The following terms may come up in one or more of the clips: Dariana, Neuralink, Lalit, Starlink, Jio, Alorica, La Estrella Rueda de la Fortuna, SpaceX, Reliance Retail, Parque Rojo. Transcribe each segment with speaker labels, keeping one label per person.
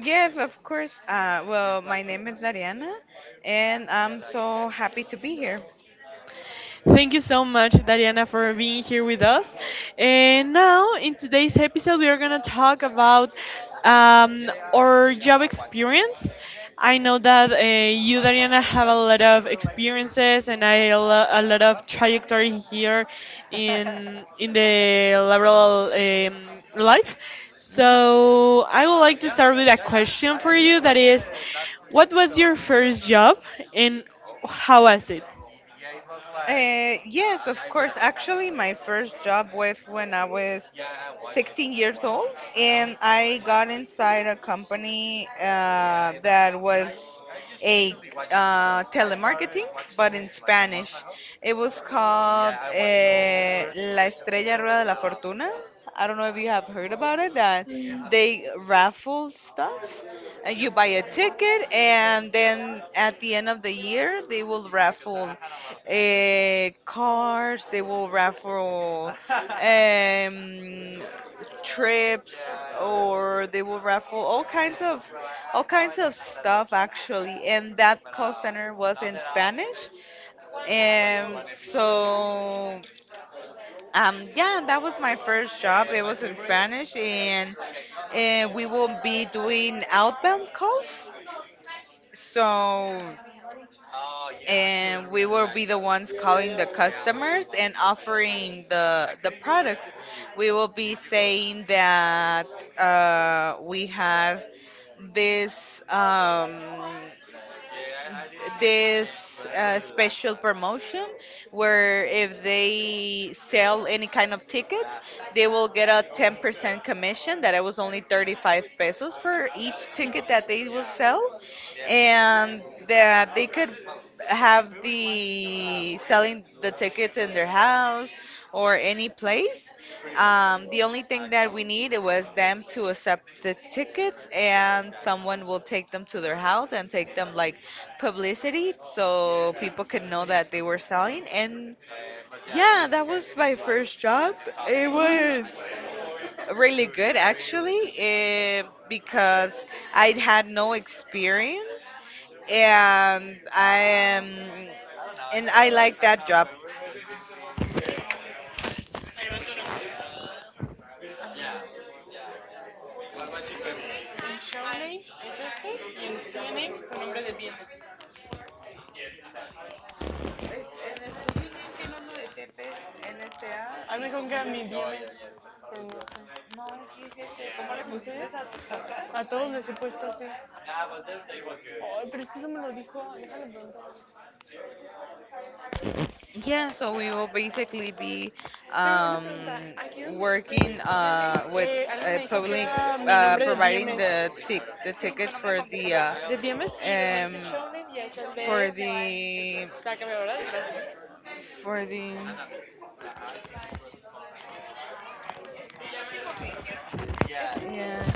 Speaker 1: Yes, of course. Well, my name is Dariana, and I'm so happy to be here. Mhm. Yes, of course. Actually, my first job was when I was 16 years old, and I got inside a company. Yeah, that was a uh, telemarketing, but in Spanish. It was called uh, La Estrella Rueda de la Fortuna. I don't know if you have heard about it, that they raffle stuff. You buy a ticket, and then at the end of the year, they will raffle cars, they will raffle trips, or they will raffle all kinds of stuff actually. And that call center was in Spanish, and so yeah, that was my first job. It was in Spanish, and we will be doing outbound calls. So, and totally we will be the ones calling the customers and offering the products. We will be saying that we had this um, this special promotion where if they sell any kind of ticket, they will get a 10% commission that it was only 35 pesos for each ticket that they will sell, and that they could have the selling the tickets in their house or any place. The only thing that we needed was them to accept the tickets, and someone will take them to their house and take them like publicity so people could know that they were selling. And yeah, that was my first job. It was really good actually, because I had no experience and I am, and I like that job. Yeah, so we will basically be um, working with public, providing the tickets for the um, for the for the yeah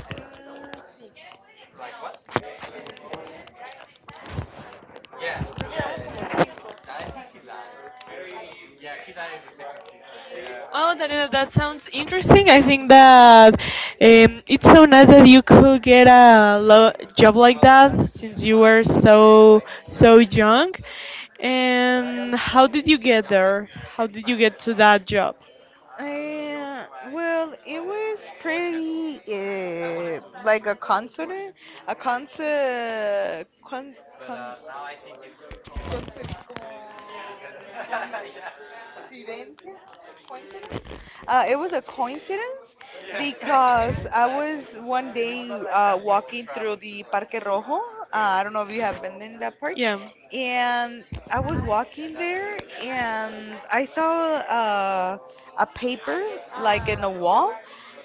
Speaker 1: Uh, well, it was pretty like a concert, a concert, con, con, concert como coincidencia. It was a coincidence because I was one day walking through the Parque Rojo. I don't know if you have been in that park. And I was walking there and I saw a paper like in a wall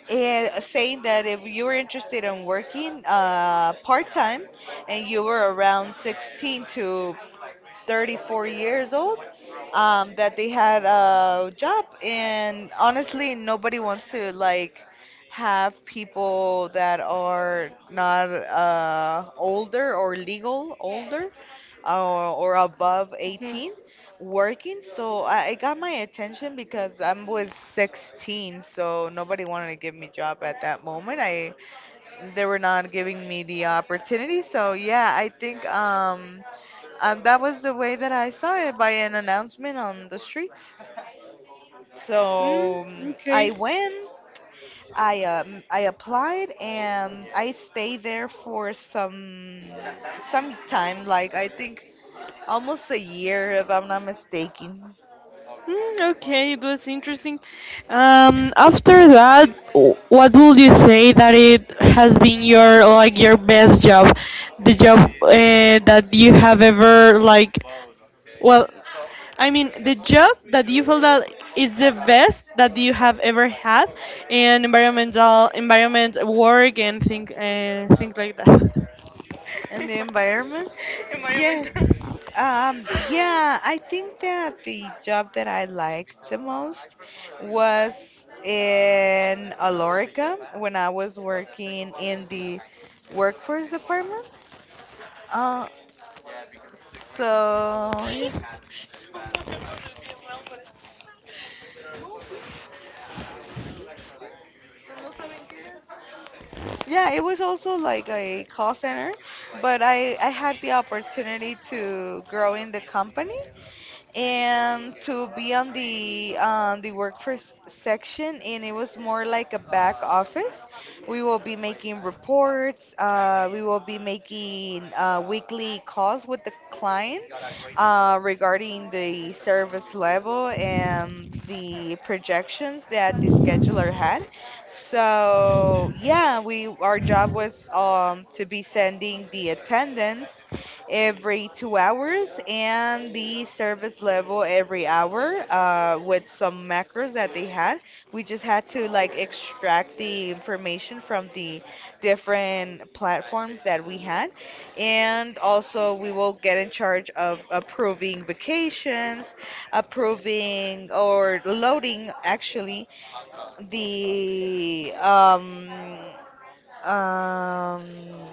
Speaker 1: and saying that if you were interested in working part time and you were around 16 to 34 years old, that they had a job, and honestly nobody wants to like have people that are not older or legal older, or above 18 working. So I got my attention because I was 16, so nobody wanted to give me job at that moment. I They were not giving me the opportunity, so yeah, I think and that was the way that I saw it, by an announcement on the streets. So I went, I applied, and I stayed there for some time, like I think almost a year, if I'm not mistaken. And the environment? Yes. Yeah, I think that the job that I liked the most was in Alorica, when I was working in the workforce department. Uh, so, yeah. Yeah, it was also like a call center, but I had the opportunity to grow in the company, and to be on the workforce section. And it was more like a back office. We will be making reports. We will be making weekly calls with the client, regarding the service level and the projections that the scheduler had. So yeah, we our job was to be sending the attendance every two hours, and the service level every hour, with some macros that they had. We just had to like extract the information from the different platforms that we had. And also, we will get in charge of approving vacations, approving or loading actually the um,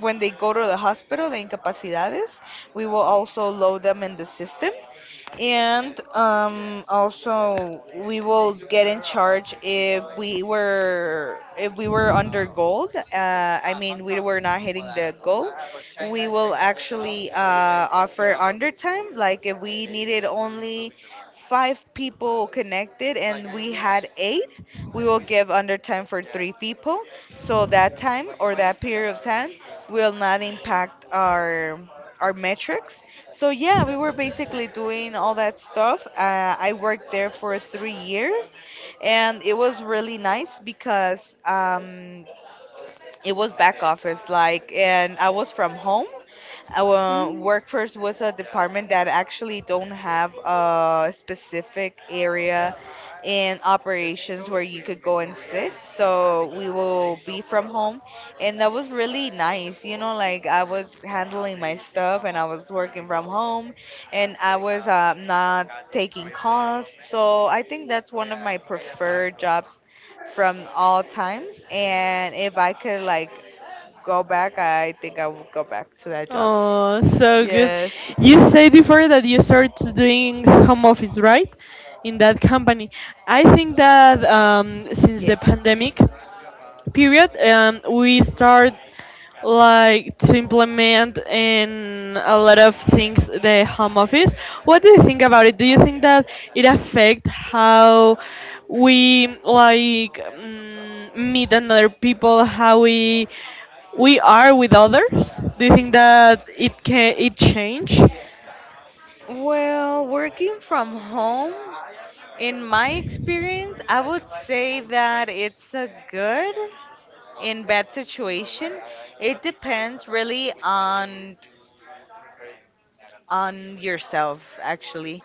Speaker 1: when they go to the hospital, the incapacidades, we will also load them in the system. And also, we will get in charge if we were under gold. I mean, we were not hitting the goal. We will actually offer undertime. Like if we needed only five people connected and we had eight, we will give undertime for three people. So that time or that period of time will not impact our metrics. So yeah, we were basically doing all that stuff. I worked there for three years, and it was really nice because it was back office like, and I was from home. Our workforce was a department that actually don't have a specific area in operations where you could go and sit. So we will be from home, and that was really nice. You know, like I was handling my stuff and I was working from home, and I was not taking calls. So I think that's one of my preferred jobs from all times. And if I could like go back, I think I would go back to that job. Yes. Yes. Well, working from home, in my experience, I would say that it's a good in bad situation. It depends really on yourself actually.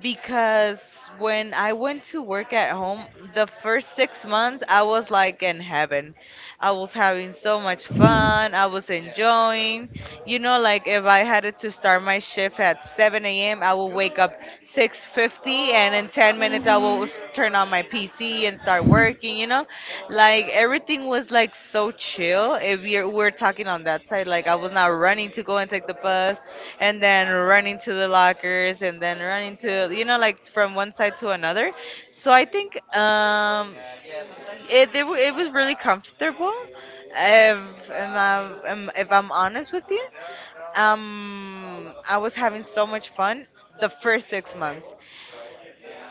Speaker 1: Because when I went to work at home, the first six months I was like in heaven. I was having so much fun. I was enjoying. You know, like if I had to start my shift at 7 a.m., I would wake up 6:50, and in 10 minutes I will turn on my PC and start working. You know, like everything was like so chill. If you're we're talking on that side, like I was not running to go and take the bus, and then running to the lockers, and then running to, you know, like from one side to another. So I think it it was really comfortable. If if I'm honest with you, I was having so much fun the first six months.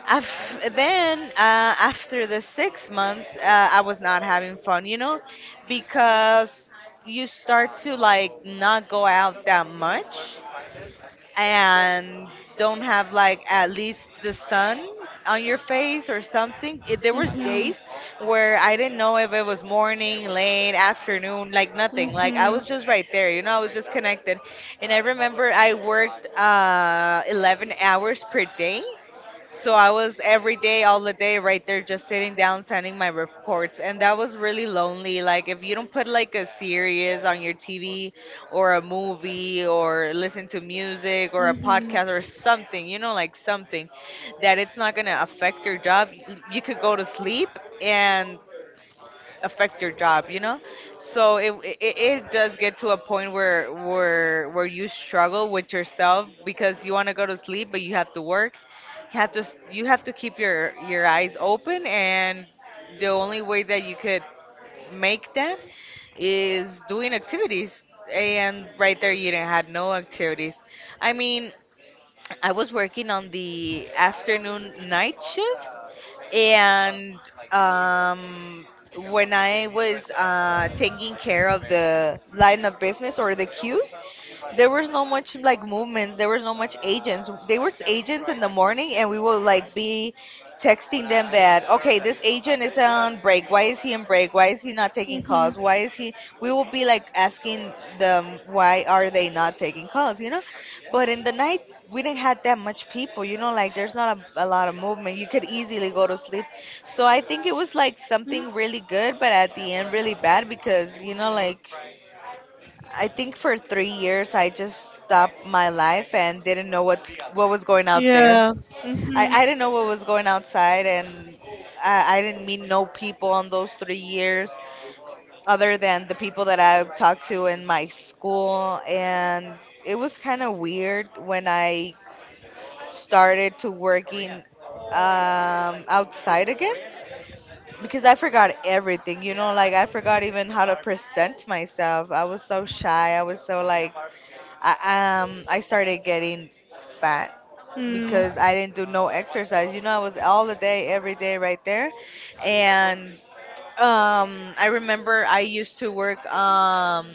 Speaker 1: Af then After the six months, I was not having fun, you know, because you start to like not go out that much, and don't have like at least the sun on your face or something. There was days where I didn't know if it was morning, late, afternoon, like nothing. Like I was just right there, you know, I was just connected. And I remember I worked 11 hours per day. So I was every day, all the day, right there, just sitting down, sending my reports, and that was really lonely. Like if you don't put like a series on your TV or a movie or listen to music or a podcast or something, you know, like something that it's not going to affect your job. You could go to sleep and affect your job, you know? So it does get to a point where you struggle with yourself because you want to go to sleep but you have to work. You have to you have to keep your eyes open, and the only way that you could make them is doing activities. And right there, you didn't had no activities. I mean, I was working on the afternoon night shift, and um, when I was taking care of the line of business or the queues, there was no much like movements. There was no much agents. They were agents in the morning, and we will like be texting them that okay, this agent is on break. Why is he on break? Why is he not taking calls? Why is he? We will be like asking them why are they not taking calls? You know, but in the night, we didn't have that much people, you know, like there's not a lot of movement. You could easily go to sleep. So I think it was like something really good, but at the end, really bad because, you know, like I think for three years, I just stopped my life and didn't know what was going out there. I didn't know what was going outside, and I didn't meet no people on those three years other than the people that I talked to in my school. And it was kind of weird when I started to working outside again, because I forgot everything, you know, like I forgot even how to present myself. I was so shy. I was so like, I started getting fat because I didn't do no exercise. You know, I was all the day, every day right there. And I remember I used to work um,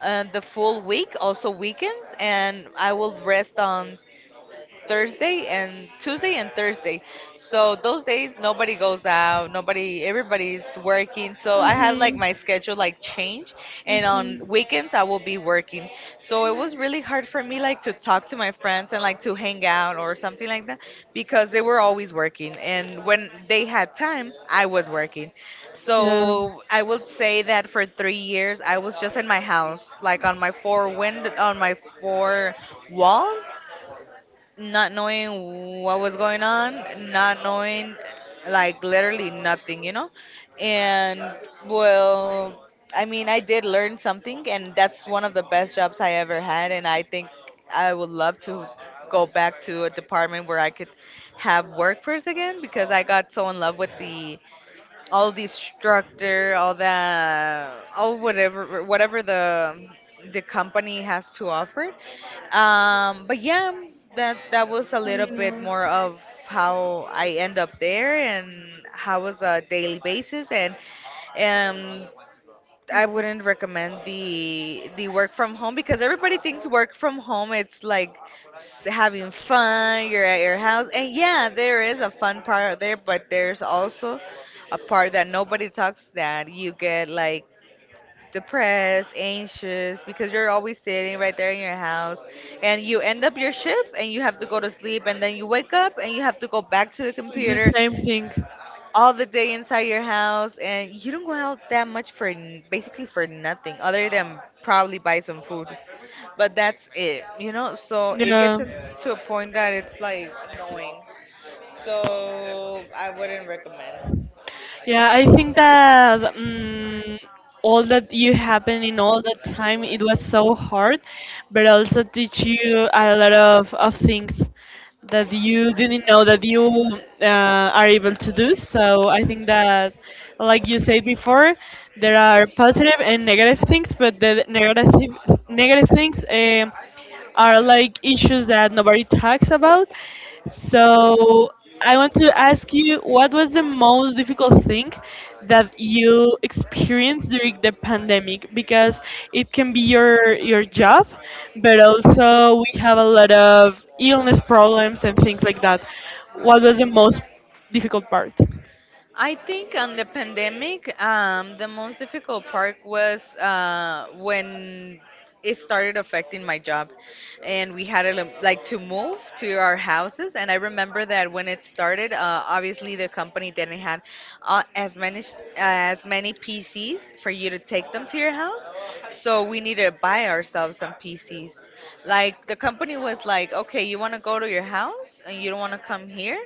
Speaker 1: uh, the full week, also weekends, and I will rest on Thursday and Tuesday and Thursday So those days nobody goes out, nobody everybody's working. So I had like my schedule like change, and on weekends I will be working. So it was really hard for me like to talk to my friends and like to hang out or something like that because they were always working, and when they had time I was working. So I would say that for 3 years I was just in my house, like on my four wind on my four walls, not knowing what was going on, not knowing, like, literally nothing, And well, I mean, I did learn something, and that's one of the best jobs I ever had. And I think I would love to go back to a department where I could have work first again, because I got so in love with the all the structure, all that, all whatever the company has to offer. But yeah, that that was a little bit more of how I end up there, and how was a daily basis. And um I wouldn't recommend the work from home, because everybody thinks work from home it's like having fun, you're at your house. And yeah, there is a fun part out there, but there's also a part that nobody talks, that you get like depressed, anxious, because you're always sitting right there in your house, and you end up your shift and you have to go to sleep, and then you wake up and you have to go back to the computer all the day inside your house. And you don't go out that much for basically for nothing, other than probably buy some food. But that's it, so it gets to a point that it's like annoying, so I wouldn't recommend. I think on the pandemic, the most difficult part was when it started affecting my job, and we had to like to move to our houses. And I remember that when it started, obviously the company didn't have as many PCs for you to take them to your house, so we needed to buy ourselves some PCs. Like the company was like, okay, you want to go to your house and you don't want to come here,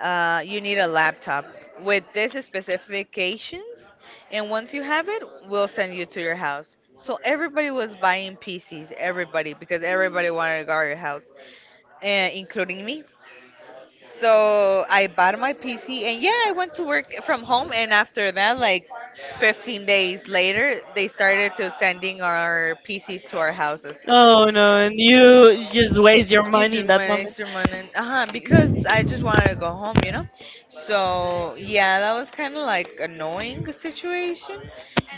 Speaker 1: you need a laptop with these specifications, and once you have it, we'll send you to your house. So everybody was buying PCs, everybody, because everybody wanted to guard your house, including me. So I bought my PC, and yeah, I went to work from home, and after that, like 15 days later, they started to sending our PCs to our houses. You just my your money. Uh-huh, because I just wanted to go home, you know? So yeah, that was kind of like annoying situation.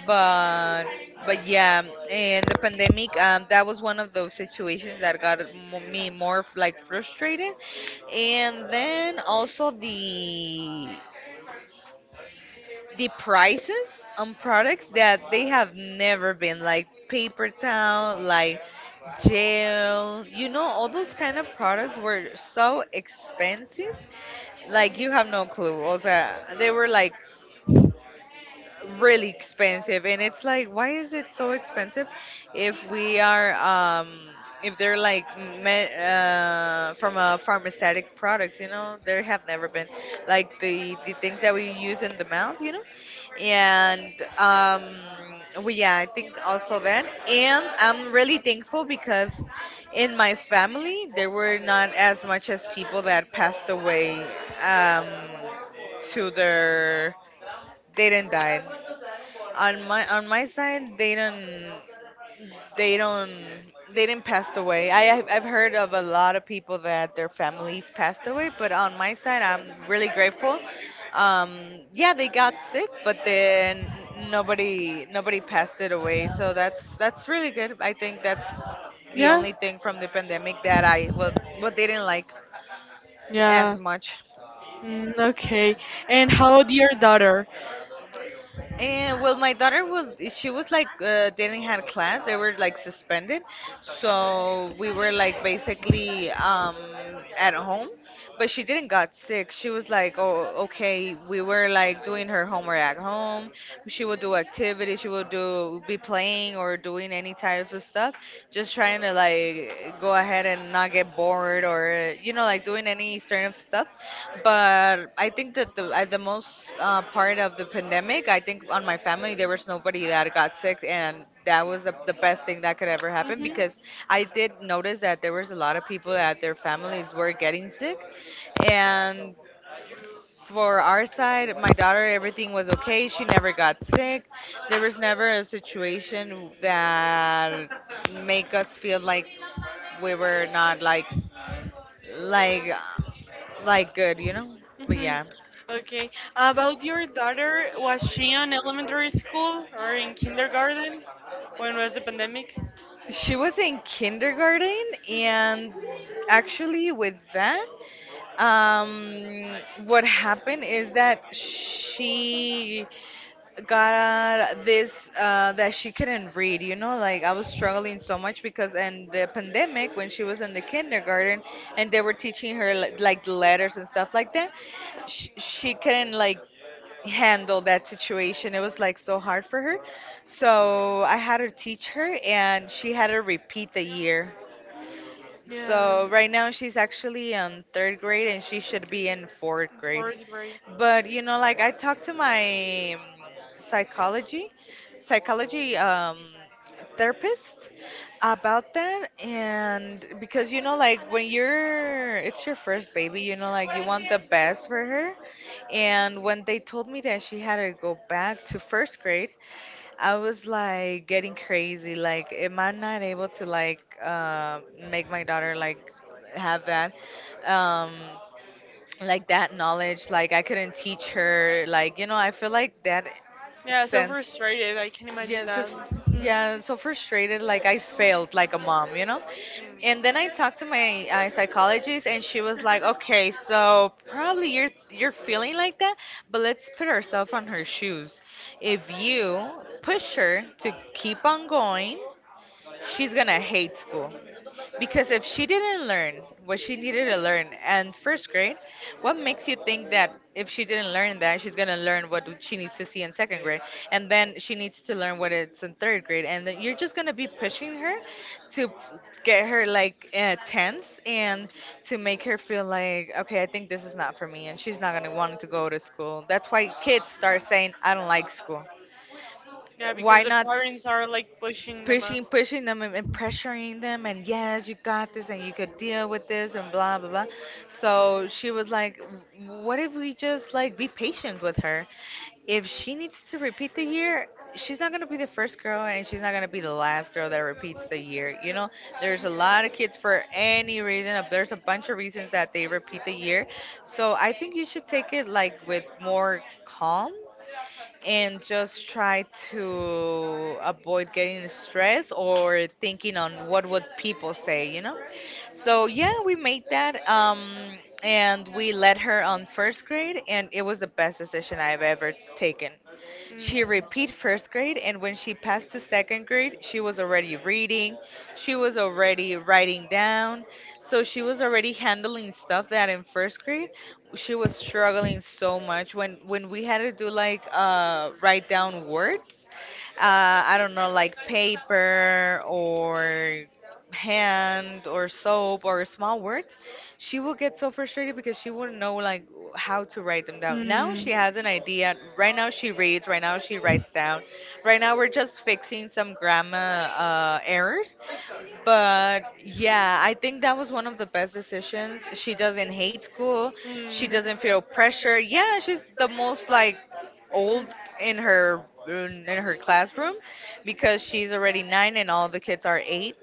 Speaker 1: But, but yeah, and the pandemic, that was one of those situations that got me more like frustrated. And then also the prices on products that they have never been, like paper towel, like gel, you know, all those kind of products were so expensive. Like you have no clue. Also they were like really expensive, and it's like, why is it so expensive if we are if they're like from a pharmaceutic products, you know, there have never been like the things that we use in the mouth, you know. And well yeah, I think also that, and I'm really thankful because in my family there were not as much as people that passed away. um to their they didn't die On my side, they don't, they don't, they didn't pass away. I've heard of a lot of people that their families passed away, but on my side, I'm really grateful. Yeah, they got sick, but then nobody passed it away. So that's really good. I think that's the only thing from the pandemic that I, well, what they didn't like as much. And well, my daughter was, she was like, didn't have class. They were like suspended, so we were like basically at home. But she didn't got sick. She was like, oh, okay. We were like doing her homework at home. She would do activities. She would do be playing or doing any type of stuff, just trying to like go ahead and not get bored, or you know, like doing any sort of stuff. But I think that the at the most part of the pandemic, I think on my family there was nobody that got sick, and that was the best thing that could ever happen, because I did notice that there was a lot of people that their families were getting sick. And for our side, my daughter, everything was okay. She never got sick. There was never a situation that make us feel like we were not like like good, you know? But yeah. She was in kindergarten, and actually, with that, um, what happened is that she got this that she couldn't read, you know, like I was struggling so much, because in the pandemic when she was in the kindergarten and they were teaching her like the letters and stuff like that, she couldn't like handle that situation, it was like so hard for her. So I had her teach her, and she had to repeat the year. So right now she's actually in third grade, and she should be in fourth grade. But you know, like, I talked to my psychology psychology therapist about that, and because you know like when you're, it's your first baby, you know, like you want the best for her. And when they told me that she had to go back to first grade, I was like getting crazy, like, am I not able to like make my daughter like have that um like that knowledge, like I couldn't teach her, like, you know, I feel like that sense. yeah so f- yeah, so frustrated, like I failed like a mom, you know. And then I talked to my psychologist, and she was like, okay, so probably you're feeling like that, but let's put ourselves on her shoes. If you push her to keep on going, she's gonna hate school, because if she didn't learn what she needed to learn in first grade, what makes you think that if she didn't learn that, she's going to learn what she needs to see in second grade? And then she needs to learn what it's in third grade. And then you're just going to be pushing her to get her like tense, and to make her feel like, okay, I think this is not for me. And she's not going to want to go to school. That's why kids start saying, I don't like school. Why not pushing them, and pressuring them, and yes, you got this, and you could deal with this, and blah blah blah. So she was like, what if we just like be patient with her? If she needs to repeat the year, she's not going to be the first girl, and she's not going to be the last girl that repeats the year, you know. There's a lot of kids for any reason, there's a bunch of reasons that they repeat the year. So I think you should take it like with more calm, and just try to avoid getting stressed or thinking on what would people say, you know? So yeah, we made that, and we let her on first grade, and it was the best decision I've ever taken. She repeat first grade, and when she passed to second grade, she was already reading, she was already writing down, so she was already handling stuff that in first grade she was struggling so much. When we had to do like write down words, I don't know, like paper, or hand, or soap, or small words, she will get so frustrated, because she wouldn't know like how to write them down. Now she has an idea. Right now she reads. Right now she writes down. Right now we're just fixing some grammar errors. But yeah, I think that was one of the best decisions. She doesn't hate school. She doesn't feel pressure. Yeah, she's the most like old in her in her classroom, because she's already nine and all the kids are eight.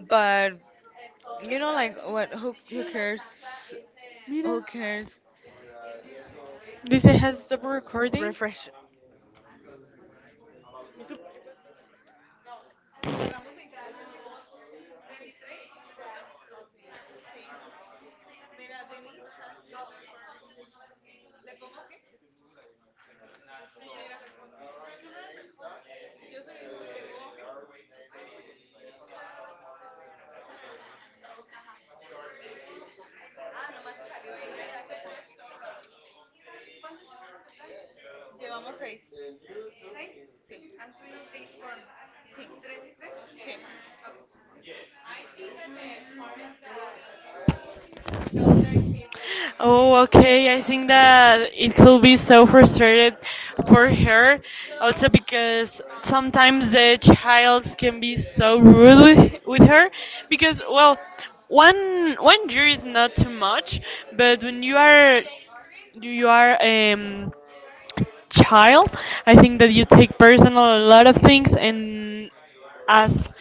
Speaker 1: But you know, like, what? Who cares? Who cares? Refresh.
Speaker 2: Oh, okay. I think that it could be so frustrated for her, also because sometimes the child can be so rude with her, because, well, one year is not too much, but when you are child, I think that you take personal a lot of things, and as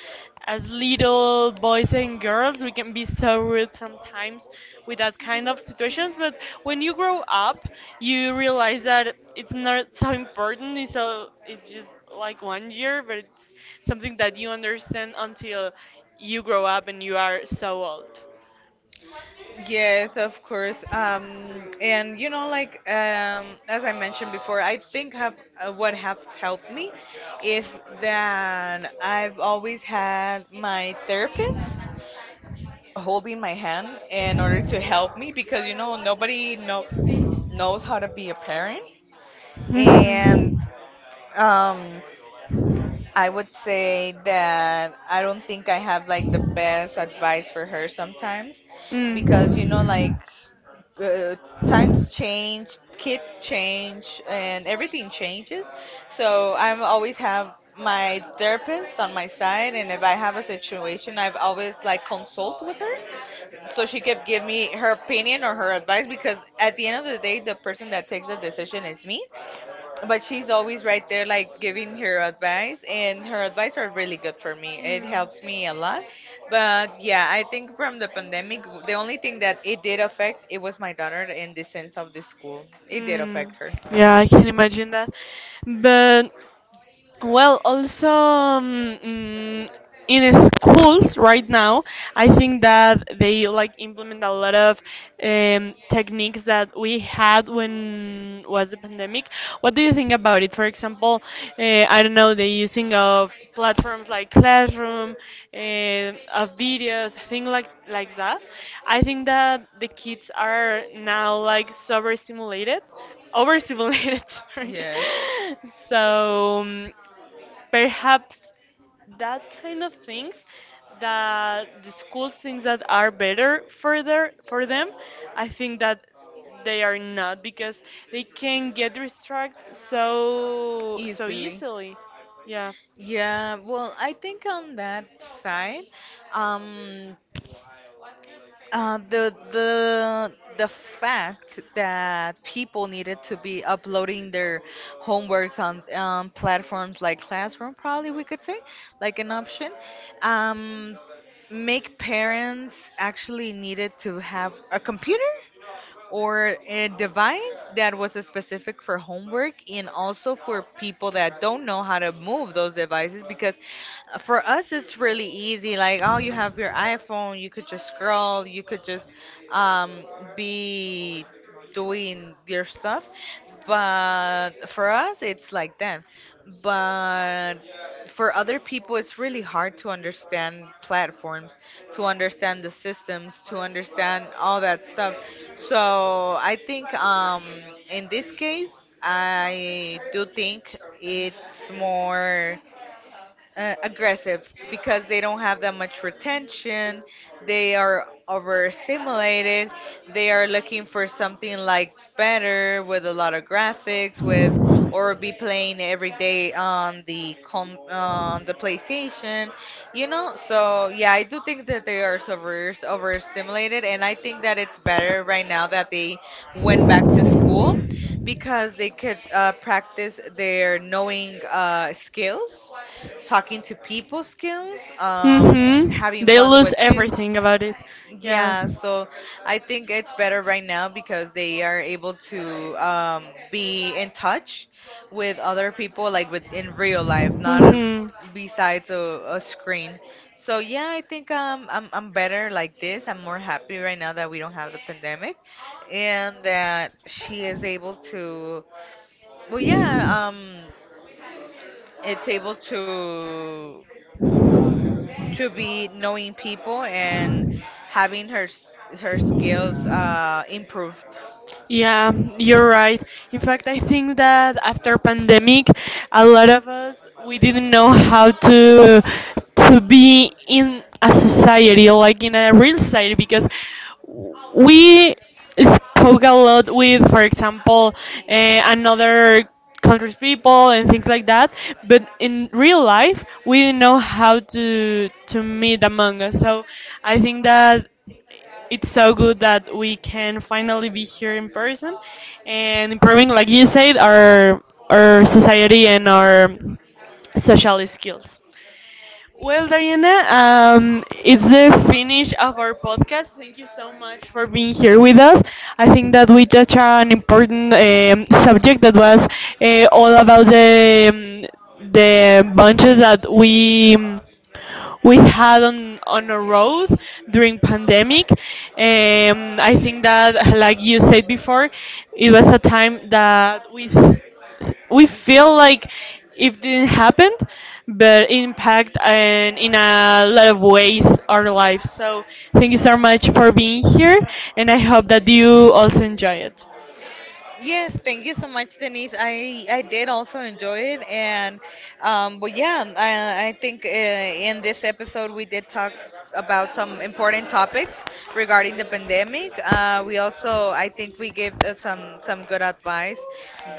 Speaker 2: as little boys and girls, we can be so rude sometimes with that kind of situations. But when you grow up, you realize that it's not so important. It's just like one year, but it's something that you understand until you grow up and you are so old.
Speaker 1: Yes, of course. And you know, like, as I mentioned before, I think have what has helped me is that I've always had my therapist holding my hand, in order to help me, because you know, knows how to be a parent. And
Speaker 2: Mhm.
Speaker 1: um, I would say that I don't think I have like the best advice for her sometimes, because you know like uh, times change, kids change, and everything changes. So I always have my therapist on my side, and if I have a situation I've always like consult with her, so she could give me her opinion or her advice, because at the end of the day the person that takes the decision is me. But she's always right there
Speaker 2: Mm.
Speaker 1: like giving her advice, and her advice are really good for me, it helps me a lot. But yeah, I think from the pandemic the only thing that it did affect it was my daughter, in the sense of the school, it did affect her.
Speaker 2: Yeah, I can imagine that. But, well, also, in schools right now, I think that they like implement a lot of techniques that we had when was the pandemic. What do you think about it? For example, I don't know, the using of platforms like Classroom, uh, of videos, things like that. I think that the kids are now like overstimulated sorry,
Speaker 1: Yes,
Speaker 2: so, perhaps that kind of things that the school thinks that are better further for them, I think that they are not because they can get distracted so
Speaker 1: easily,
Speaker 2: easily. Yeah.
Speaker 1: yeah. Well, I think on that side, um the fact that people needed to be uploading their homeworks on platforms like Classroom, probably we could say, like an option, um, make parents actually needed to have a computer or a device that was specific for homework. And also for people that don't know how to move those devices, because for us it's really easy, like, oh, you have your iPhone, you could just scroll, you could just um, be doing your stuff. But for us it's like that, but for other people, it's really hard to understand platforms, to understand the systems, to understand all that stuff. So I think in this case, I do think it's more aggressive, because they don't have that much retention. They are overstimulated. They are looking for something like better with a lot of graphics, with, or be playing every day on the PlayStation, you know. So yeah, I do think that they are overstimulated, and I think that it's better right now that they went back to school, because they could practice their knowing skills, talking to people skills,
Speaker 2: Mm-hmm.
Speaker 1: having
Speaker 2: They
Speaker 1: fun
Speaker 2: lose
Speaker 1: with it.
Speaker 2: everything about it. Yeah.
Speaker 1: Yeah, so I think it's better right now because they are able to be in touch with other people, like with in real life, not
Speaker 2: Mm-hmm.
Speaker 1: besides a screen. So yeah, I think I'm better like this. I'm more happy right now that we don't have the pandemic, and that she is able to. Well, yeah, it's able to be knowing people and having her skills improved.
Speaker 2: Yeah, you're right. In fact, I think that after pandemic, a lot of us we didn't know how to be in a society like in a real society because we spoke a lot with, for example, uh, another country's people and things like that. But in real life, we didn't know how to meet among us. So I think that it's so good that we can finally be here in person and improving, like you said, our society and our social skills. Well, Dariana, it's the finish of our podcast. Thank you so much for being here with us. I think that we touched an important subject that was all about the bunches that we had on a road during pandemic. I think that, like you said before, it was a time that we feel like it didn't happen, but impact and in a lot of ways our lives. So thank you so much for being here, and I hope that you also enjoy it.
Speaker 1: Yes, thank you so much, Denise. I did also enjoy it, and but yeah, I think in this episode we did talk about some important topics regarding the pandemic. We also, I think we gave some good advice,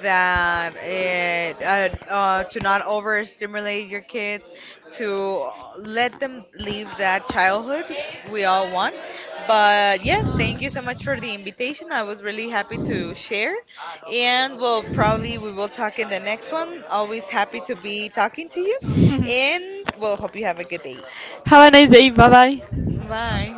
Speaker 1: that to not overstimulate your kids, to let them live that childhood we all want. But yes, thank you so much for the invitation. I was really happy to share, and we'll probably we will talk in the next one. Always happy to be talking to you, and we'll hope you have a good day.
Speaker 2: Have a nice day. Bye bye.
Speaker 1: Bye.